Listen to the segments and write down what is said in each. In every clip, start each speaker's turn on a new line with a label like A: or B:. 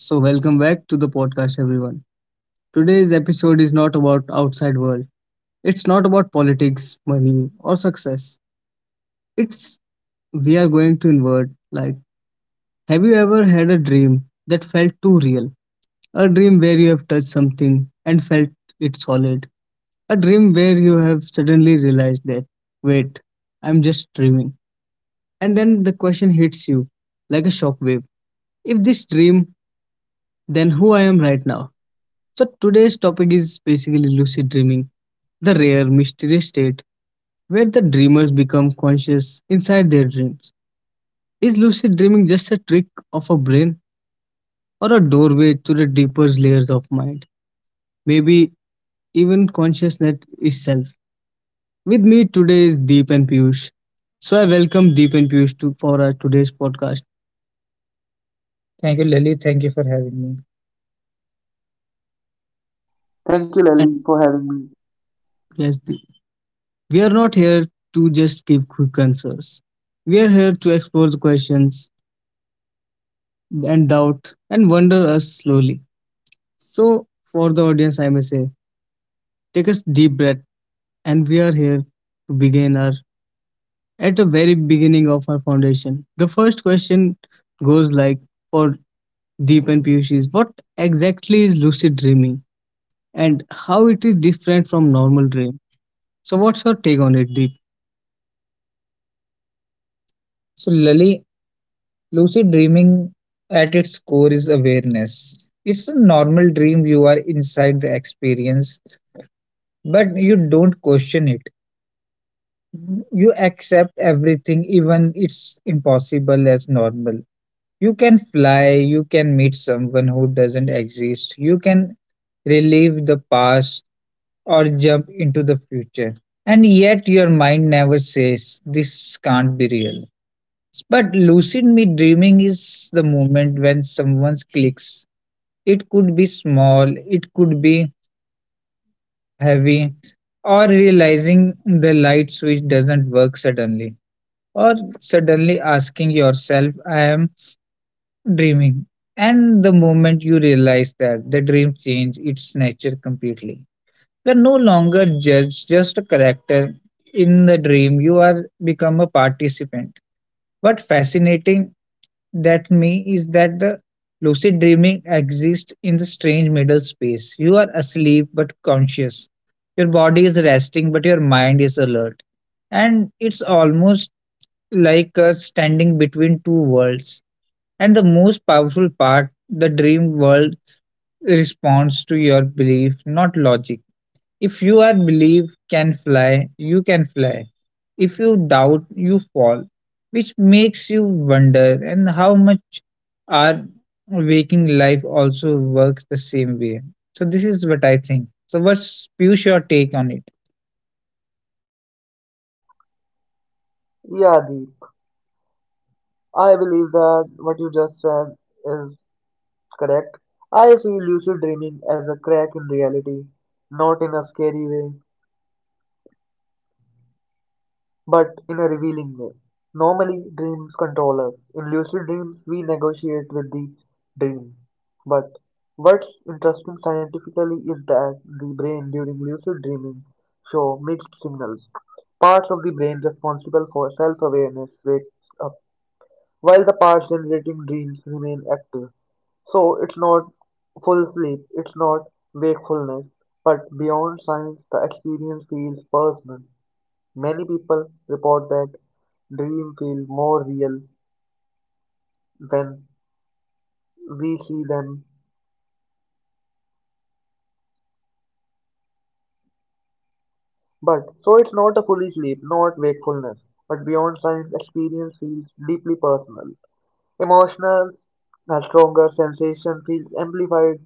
A: So welcome back to the podcast everyone. Today's episode is not about outside world. It's not about politics, money or success. It's We are going to invert. Like, have you ever had a dream that felt too real? A dream where you have touched something and felt it solid. A dream where you have suddenly realized that wait, I'm just dreaming. And then the question hits you like a shockwave. If this dream, then who I am right now? So today's topic is basically lucid dreaming, the rare, mysterious state where the dreamers become conscious inside their dreams. Is lucid dreaming just a trick of a brain or a doorway to the deeper layers of mind? Maybe even consciousness itself. With me today is Deep and Piyush. So I welcome Deep and Piyush to for our today's podcast. Thank you, Lalit. Thank you for having me.
B: Thank you, Lily,
A: And
B: for having me.
A: yes, we are not here to just give quick answers. We are here to explore the questions and doubt and wonder us slowly. So, for the audience, I may say, take a deep breath, and we are here to begin our at the very beginning of our foundation. The first question goes like for Deep and Piyush is what exactly is lucid dreaming and how it is different from normal dream. So, what's your take on it, Deep? So, Lali, lucid dreaming at its core is awareness. It's a normal dream, you are inside the experience, but you don't question it, you accept everything, even it's impossible, as normal. You can fly, you can meet someone who doesn't exist, you can relive the past or jump into the future. And yet your mind never says this can't be real. But lucid me dreaming is the moment when someone clicks. It could be small, it could be heavy, or realizing the light switch doesn't work suddenly, or suddenly asking yourself, I am dreaming. And the moment you realize that, the dream changes its nature completely. You are no longer judged, just a character in the dream. You are become a participant. What fascinating that me is that the lucid dreaming exists in the strange middle space. You are asleep but conscious. Your body is resting but your mind is alert. And it's almost like us standing between two worlds. And the most powerful part, the dream world responds to your belief, not logic. If you are believe can fly, you can fly. If you doubt, you fall, which makes you wonder and how much our waking life also works the same way. So this is what I think. So what's Piyush your take on it?
B: Yeah, Dee. I believe that what you just said is correct. I see lucid dreaming as a crack in reality, not in a scary way, but in a revealing way. Normally, dreams control us. In lucid dreams, we negotiate with the dream. But what's interesting scientifically is that the brain during lucid dreaming shows mixed signals. Parts of the responsible for self-awareness wakes up while the parts generating dreams remain active. So it's not full sleep, it's not wakefulness, but beyond science, the experience feels personal. Many people report that dreams feel more real when we see them. But so it's not a fully sleep, not wakefulness, but beyond science, experience feels deeply personal. Emotional, a stronger sensation feels amplified.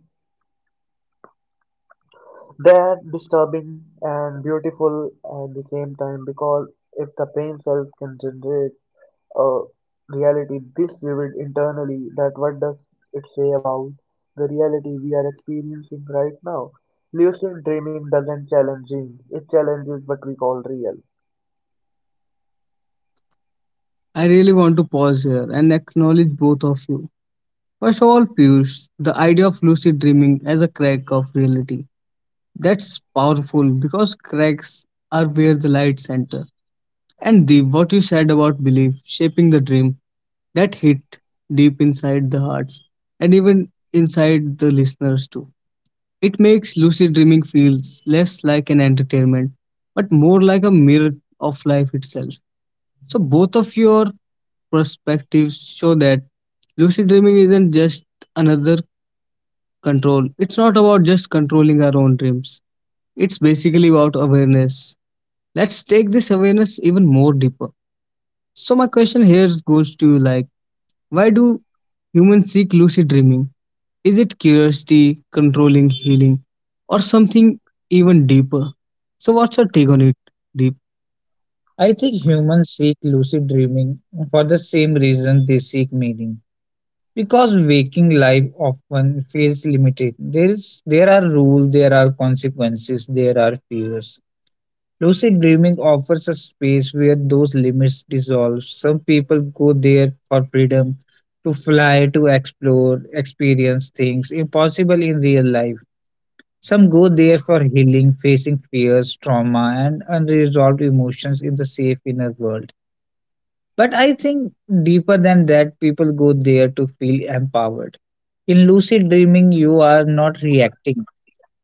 B: They're disturbing and beautiful at the same time because if the brain cells can generate a reality this vivid internally, that what does it say about the reality we are experiencing right now? Lucid dreaming doesn't challenge dreams, it challenges what we call real.
A: I really want to pause here and acknowledge both of you. First of all, Piyush, the idea of lucid dreaming as a crack of reality. That's powerful because cracks are where the lights enter. And Deep, what you said about belief shaping the dream, that hit deep inside the hearts and even inside the listeners too. It makes lucid dreaming feels less like an entertainment, but more like a mirror of life itself. So both of your perspectives show that lucid dreaming isn't just another control. It's not about just controlling our own dreams. It's basically about awareness. Let's take this awareness even more deeper. So my question here goes to you like why do humans seek lucid dreaming? Is it curiosity, controlling, healing, or something even deeper? So what's your take on it, Deep? I think humans seek lucid dreaming for the same reason they seek meaning. Because waking life often feels limited. There are rules, there are consequences, there are fears. Lucid dreaming offers a space where those limits dissolve. Some people go there for freedom, to fly, to explore, experience things impossible in real life. Some go there for healing, facing fears, trauma, and unresolved emotions in the safe inner world. But I think deeper than that, people go there to feel empowered. In lucid dreaming, you are not reacting,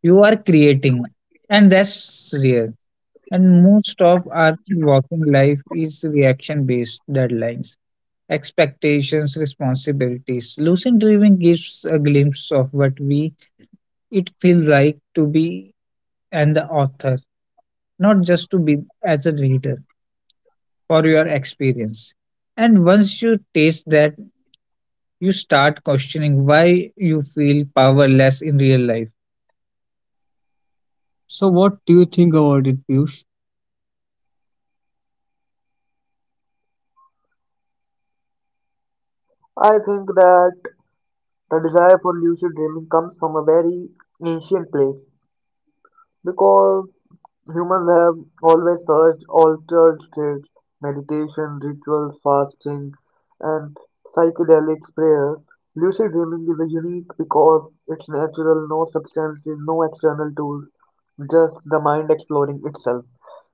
A: you are creating, and that's rare and most of our working life is reaction based deadlines, expectations, responsibilities. Lucid dreaming gives a glimpse of what we it feels like to be and the author, not just to be as a reader for your experience. And once you taste that, you start questioning why you feel powerless in real life. So, what do you think about it, Piyush?
B: I think that the desire for lucid dreaming comes from a very ancient place because humans have always searched altered states, meditation, rituals, fasting, and psychedelics, prayer. Lucid dreaming is a unique because it's natural, no substances, no external tools, just the mind exploring itself.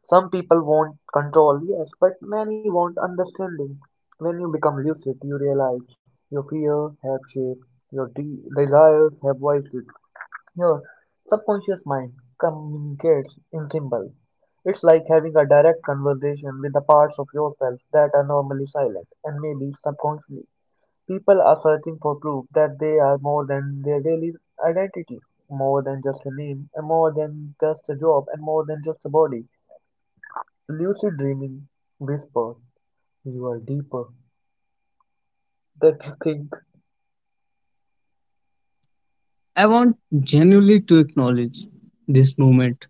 B: Some people want control, yes, but many want understanding. When you become lucid, you realize your fear have shape, your desires have voices, your subconscious mind communicates in symbols. It's like having a direct conversation with the parts of yourself that are normally silent and maybe subconsciously. People are searching for proof that they are more than their daily identity, more than just a name, and more than just a job, and more than just a body. Lucid dreaming whispers, you are deeper than you think.
A: I want genuinely to acknowledge this moment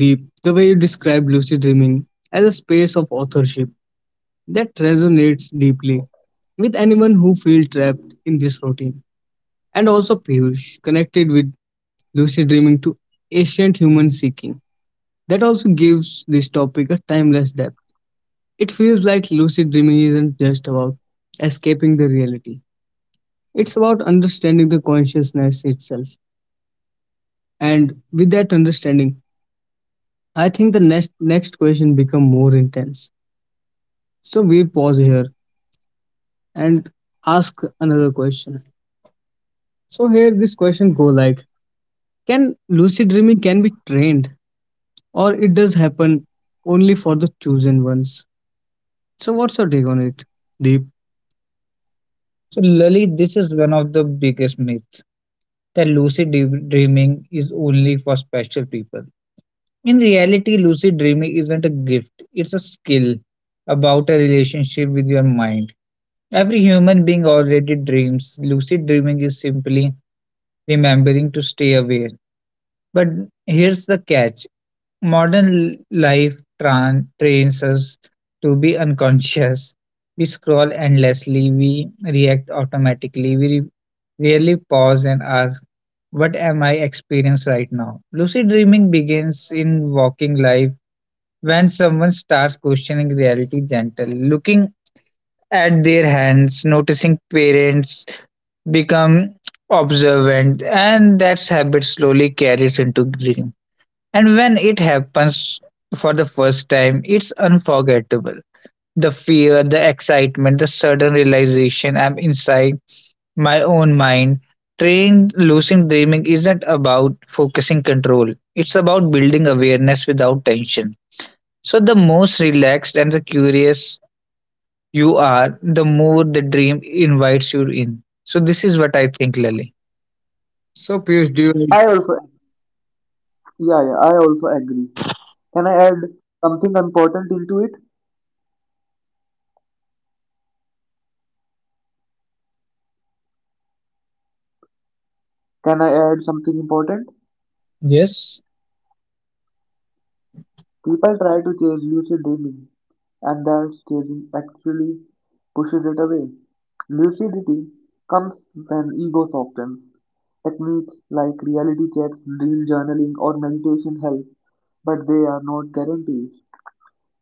A: Deep, the way you describe lucid dreaming as a space of authorship that resonates deeply with anyone who feels trapped in this routine. And also Piyush connected with lucid dreaming to ancient human seeking. That also gives this topic a timeless depth. It feels like lucid dreaming isn't just about escaping the reality. It's about understanding the consciousness itself. And with that understanding, I think the next question become more intense. So we'll pause here and ask another question. So here this question go like, can lucid dreaming can be trained, or it does happen only for the chosen ones? So what's your take on it, Deep? So, Lalit, this is one of the biggest myths that lucid dreaming is only for special people. In reality, lucid dreaming isn't a gift, it's a skill about a relationship with your mind. Every human being already dreams. Lucid dreaming is simply remembering to stay aware. But here's the catch: modern life tran trains us to be unconscious. We scroll endlessly, we react automatically, we rarely pause and ask, what am I experiencing right now? Lucid dreaming begins in waking life when someone starts questioning reality gentle, looking at their hands, noticing parents become observant, and that habit slowly carries into dream. And when it happens for the first time, it's unforgettable. The fear, the excitement, the sudden realization I'm inside my own mind. Trained lucid dreaming isn't about focusing control, it's about building awareness without tension. So, the most relaxed and the curious you are, the more the dream invites you in. So, this is what I think, Lily. So, Piyush, do you agree?
B: I also, yeah, I also agree. Can I add something important into it? Can I add something important?
A: Yes.
B: People try to chase lucid dreaming, and that chasing actually pushes it away. Lucidity comes when ego softens. Techniques like reality checks, dream journaling, or meditation help, but they are not guarantees.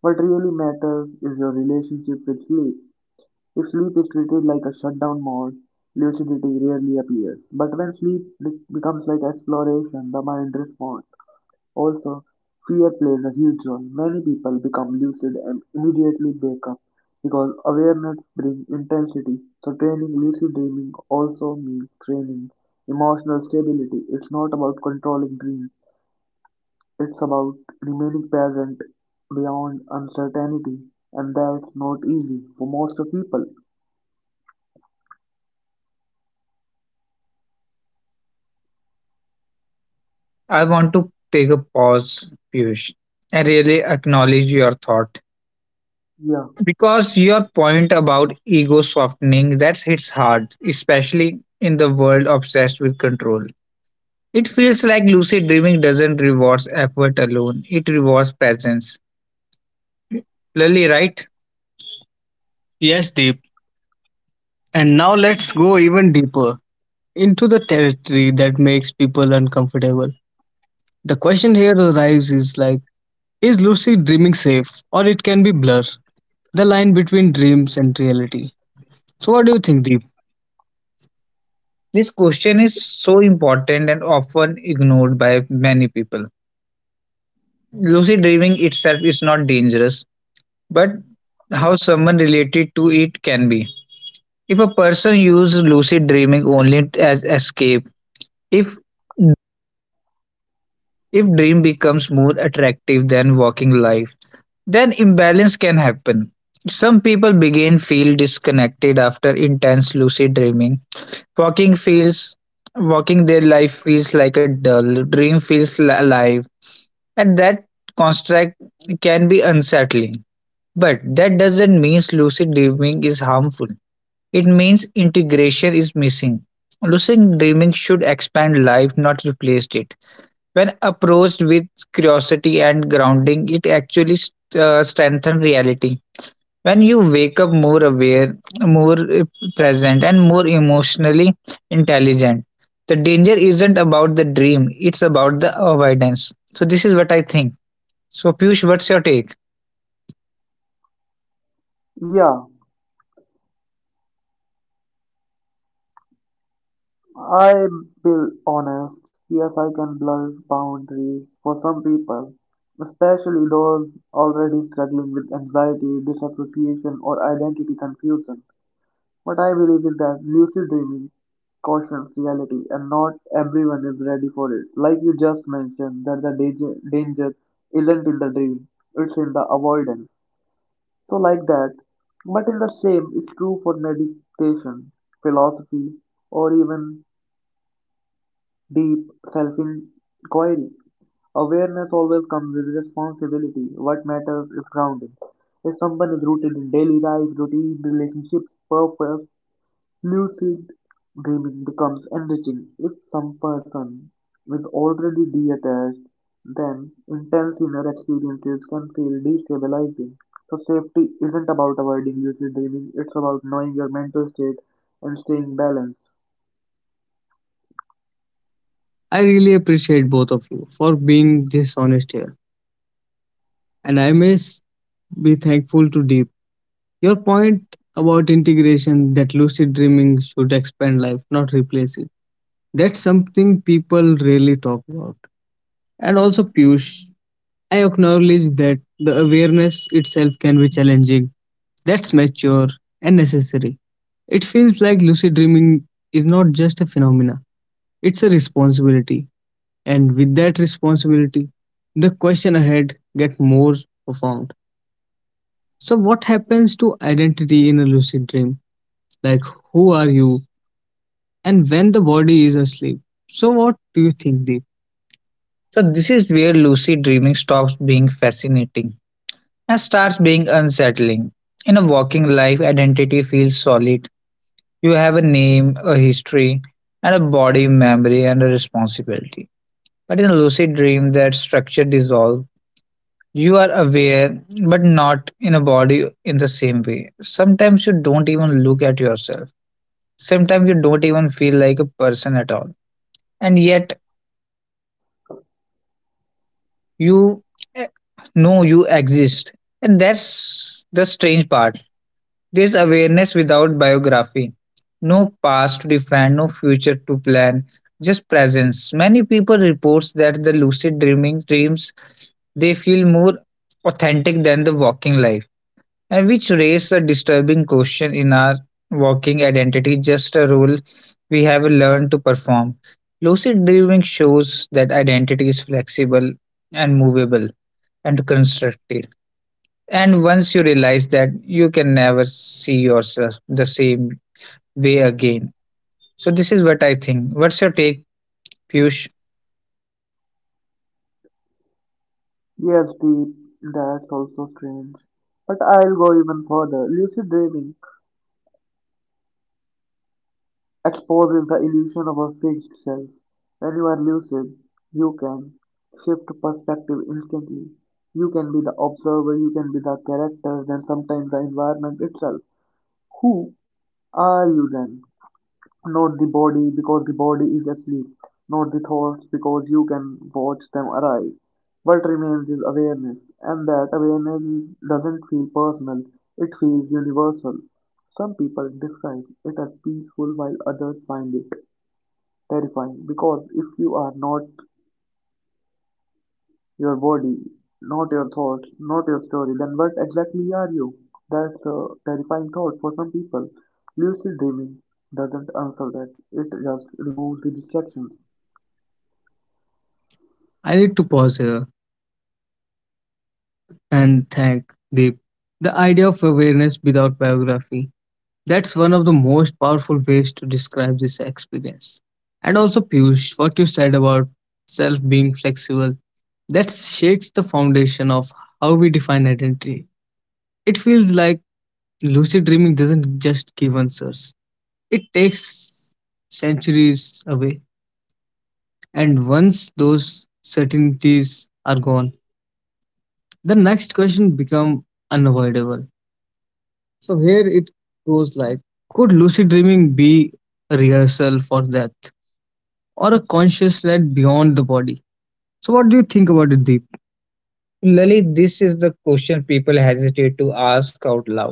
B: What really matters is your relationship with sleep. If sleep is treated like a shutdown mode, lucidity rarely appears. But when sleep becomes like exploration, the mind responds. Also, fear plays a huge role. Many people become lucid and immediately wake up because awareness brings intensity. So, training lucid dreaming also means training emotional stability. It's not about controlling dreams, it's about remaining present beyond uncertainty, and that's not easy for most of people.
A: I want to take a pause, Piyush, and really acknowledge your thought.
B: Yeah,
A: Because your point about ego softening that hits hard, especially in the world obsessed with control. It feels like lucid dreaming doesn't reward effort alone, it rewards presence. Lily, right? Yes, Deep. And now let's go even deeper into the territory that makes people uncomfortable. The question here arrives is like, is lucid dreaming safe or it can be blur, the line between dreams and reality? So, what do you think, Deep? This question is so important and often ignored by many people. Lucid dreaming itself is not dangerous, but how someone related to it can be. If a person uses lucid dreaming only as escape, if if dream becomes more attractive than waking life, then imbalance can happen. Some people begin feel disconnected after intense lucid dreaming. Walking feels walking their life feels like a dull dream, feels alive, and that construct can be unsettling. But that doesn't mean lucid dreaming is harmful, it means integration is missing. Lucid dreaming should expand life, not replace it. When approached with curiosity and grounding, it actually strengthens reality when you wake up more aware, more present, and more emotionally intelligent. The danger isn't about the dream, it's about the avoidance. So, this is what I think. So, Piyush, what's your take?
B: yeah. I'll be honest, yes, I can blur boundaries for some people, especially those already struggling with anxiety, disassociation, or identity confusion. What I believe is that lucid dreaming cautions reality, and not everyone is ready for it. Like you just mentioned, that the danger isn't in the dream, it's in the avoidance. So, like that, but in the same, it's true for meditation, philosophy, or even deep self-inquiry. Awareness always comes with responsibility. What matters is grounding. If someone is rooted in daily life, routine, relationships, purpose, lucid dreaming becomes enriching. If some person is already detached, then intense inner experiences can feel destabilizing. So safety isn't about avoiding lucid dreaming, it's about knowing your mental state and staying balanced.
A: I really appreciate both of you for being this honest here, and I may be thankful to Deep. Your point about integration that lucid dreaming should expand life, not replace it. That's something people really talk about. And also, Piyush, I acknowledge that the awareness itself can be challenging. That's mature and necessary. It feels like lucid dreaming is not just a phenomena, it's a responsibility. And with that responsibility, the question ahead get more profound. So what happens to identity in a lucid dream? Like who are you? And when the body is asleep. So what do you think, Deep? So, this is where lucid dreaming stops being fascinating and starts being unsettling. In a walking life, identity feels solid. You have a name, a history, and a body memory and a responsibility. But in a lucid dream, that structure dissolves. You are aware, but not in a body in the same way. Sometimes you don't even look at yourself. Sometimes you don't even feel like a person at all. And yet, you eh, know you exist. And that's the strange part. There's awareness without biography. No past to define, no future to plan, just presence. Many people reports that the lucid dreaming dreams they feel more authentic than the walking life. And which raise a disturbing question in our walking identity, just a role we have learned to perform. Lucid dreaming shows that identity is flexible and movable and constructive. And once you realize that you can never see yourself the same way again. So, this is what I think. What's your take, Piyush?
B: Yes, Pete, that's also strange. But I'll go even further. Lucid dreaming exposes the illusion of a fixed self. When you are lucid, you can shift perspective instantly. You can be the observer, you can be the characters, and sometimes the environment itself. Who are you then? Not the body, because the body is asleep. Not the thoughts, because you can watch them arise. What remains is awareness, and that doesn't feel personal, it feels universal. Some people describe it as peaceful, while others find it terrifying because if you are not your body, not your thoughts, not your story. Then what exactly are you? That's a terrifying thought for some people. Lucid dreaming doesn't answer that. It just removes the distractions.
A: I need to pause here and thank Deep. The idea of awareness without biography. That's one of the most powerful ways to describe this experience. And also, Piyush, what you said about self being flexible, that shakes the foundation of how we define identity. It feels like lucid dreaming doesn't just give answers, it takes centuries away. And once those certainties are gone, the next question become unavoidable. So here it goes, like, could lucid dreaming be a rehearsal for death or a consciousness beyond the body? So what do you think about it, Deep? Lalit, this is the question people hesitate to ask out loud.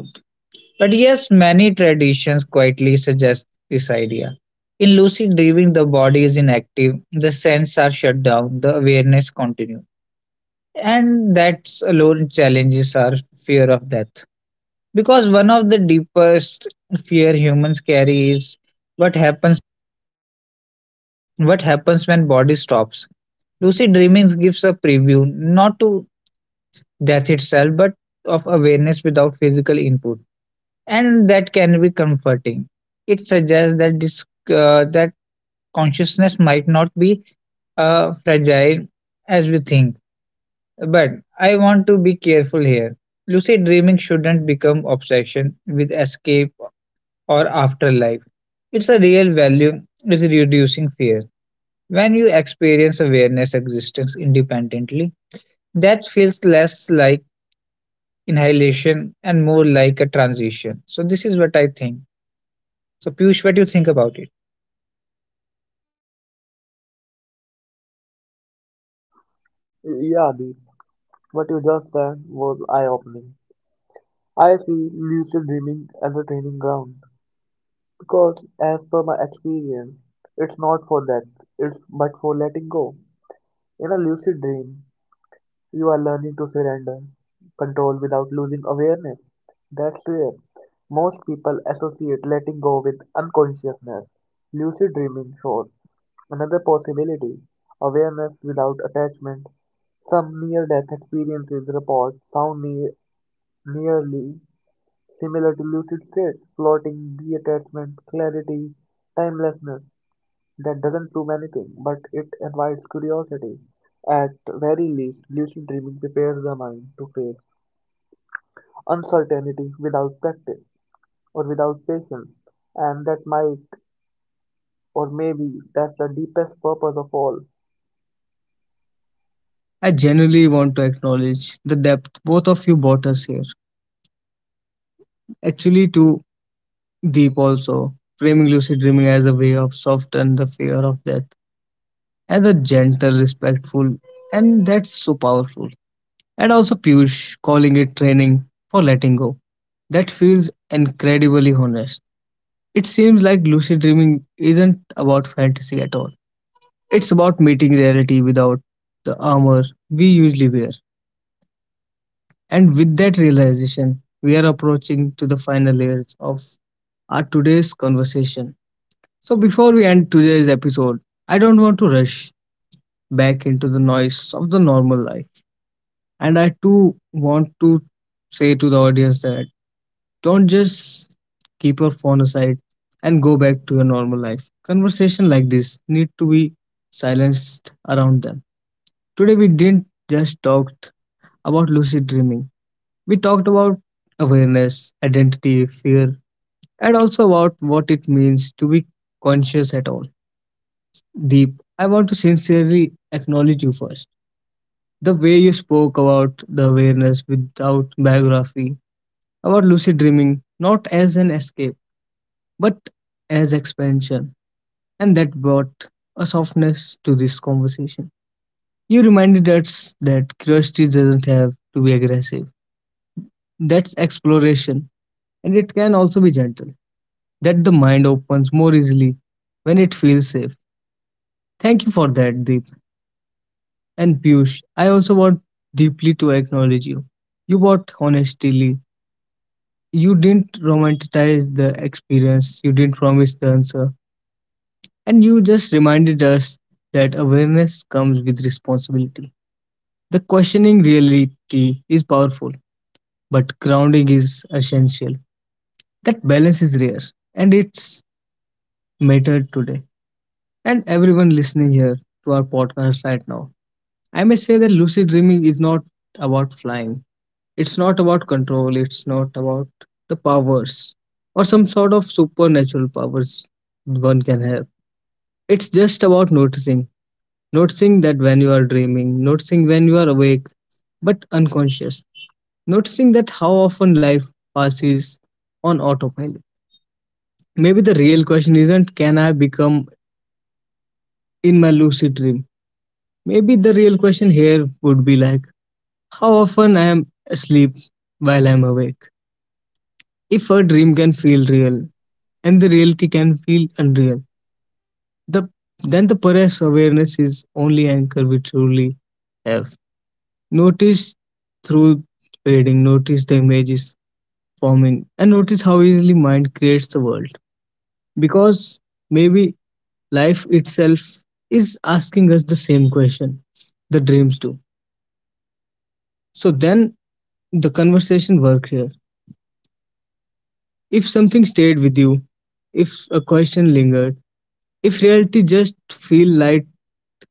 A: But yes, many traditions quietly suggest this idea. In lucid dreaming, the body is inactive, the senses are shut down, the awareness continues. And that alone challenges our fear of death. Because one of the deepest fear humans carry is what happens what happens when body stops. Lucid dreaming gives a preview, not to death itself, but of awareness without physical input, and that can be comforting. It suggests that this that consciousness might not be fragile as we think. But I want to be careful here. Lucid dreaming shouldn't become obsession with escape or afterlife. It's a real value is reducing fear. When you experience awareness existence independently, that feels less like inhalation and more like a transition. So this is what I think. So Piyush, what do you think about it?
B: Yeah, Deep. What you just said was eye-opening. I see lucid dreaming as a training ground because, as per my experience, it's not for that. It's but for letting go. In a lucid dream, you are learning to surrender control without losing awareness. That's rare. Most people associate letting go with unconsciousness. Lucid dreaming shows another possibility, awareness without attachment. Some near death experiences report sound nearly similar to lucid states, floating, detachment, clarity, timelessness. That doesn't prove anything, but it invites curiosity. At very least, lucid dreaming prepares the mind to face uncertainty without practice or without patience, and that might or maybe that's the deepest purpose of all.
A: I genuinely want to acknowledge the depth both of you brought us here. Actually, too deep also, framing lucid dreaming as a way of soften the fear of death and the gentle, respectful, and that's so powerful. And also Piyush calling it training for letting go. That feels incredibly honest. It seems like lucid dreaming isn't about fantasy at all. It's about meeting reality without the armor we usually wear. And with that realization, we are approaching to the final layers of our today's conversation. So before we end today's episode, I don't want to rush back into the noise of the normal life. And I too want to say to the audience that don't just keep your phone aside and go back to your normal life. Conversation like this need to be silenced around them. Today we didn't just talk about lucid dreaming. We talked about awareness, identity, fear, and also about what it means to be conscious at all. Deep, I want to sincerely acknowledge you first. The way you spoke about the awareness without biography, about lucid dreaming, not as an escape, but as expansion, and that brought a softness to this conversation. You reminded us that curiosity doesn't have to be aggressive, that's exploration, and it can also be gentle, that the mind opens more easily when it feels safe. Thank you for that, Deep. And Piyush, I also want deeply to acknowledge you. You bought honestly. You didn't romanticize the experience, you didn't promise the answer, and you just reminded us that awareness comes with responsibility. The questioning reality is powerful, but grounding is essential. That balance is rare, and it's mattered today. And everyone listening here to our podcast right now. I may say that lucid dreaming is not about flying. It's not about control. It's not about the powers or some sort of supernatural powers one can have. It's just about noticing. Noticing that when you are dreaming, noticing when you are awake but unconscious. Noticing that how often life passes on autopilot. Maybe the real question isn't can I become in my lucid dream? Maybe the real question here would be like how often I am asleep while I am awake. If a dream can feel real and the reality can feel unreal, the then the perhaps awareness is only anchor we truly have. Notice through fading, notice the images forming, and notice how easily mind creates the world. Because maybe life itself is asking us the same question the dreams do, so then the conversation work here. If something stayed with you, if a question lingered, if reality just feel light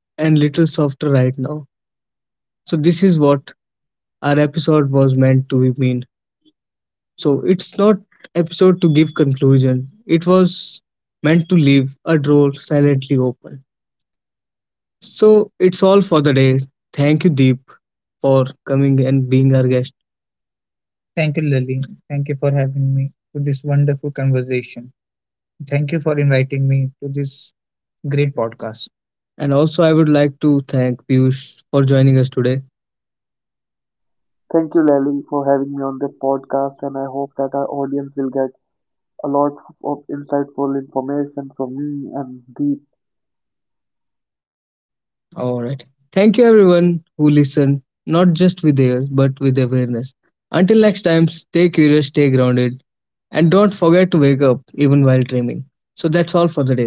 A: and little softer right now. So this is what our episode was meant to mean. So it's not episode to give conclusion. It was meant to leave a door silently open. So it's all for the day. Thank you, Deep, for coming and being our guest. Thank you, Lily. Thank you for having me to this wonderful conversation. Thank you for inviting me to this great podcast. And also, I would like to thank Piyush for joining us today.
B: Thank you, Lally, for having me on this podcast, and I hope that our audience will get a lot of insightful information from me and Deep.
A: All right. Thank you, everyone who listened, not just with ears, but with awareness. Until next time, stay curious, stay grounded, and don't forget to wake up even while dreaming. So, that's all for the day.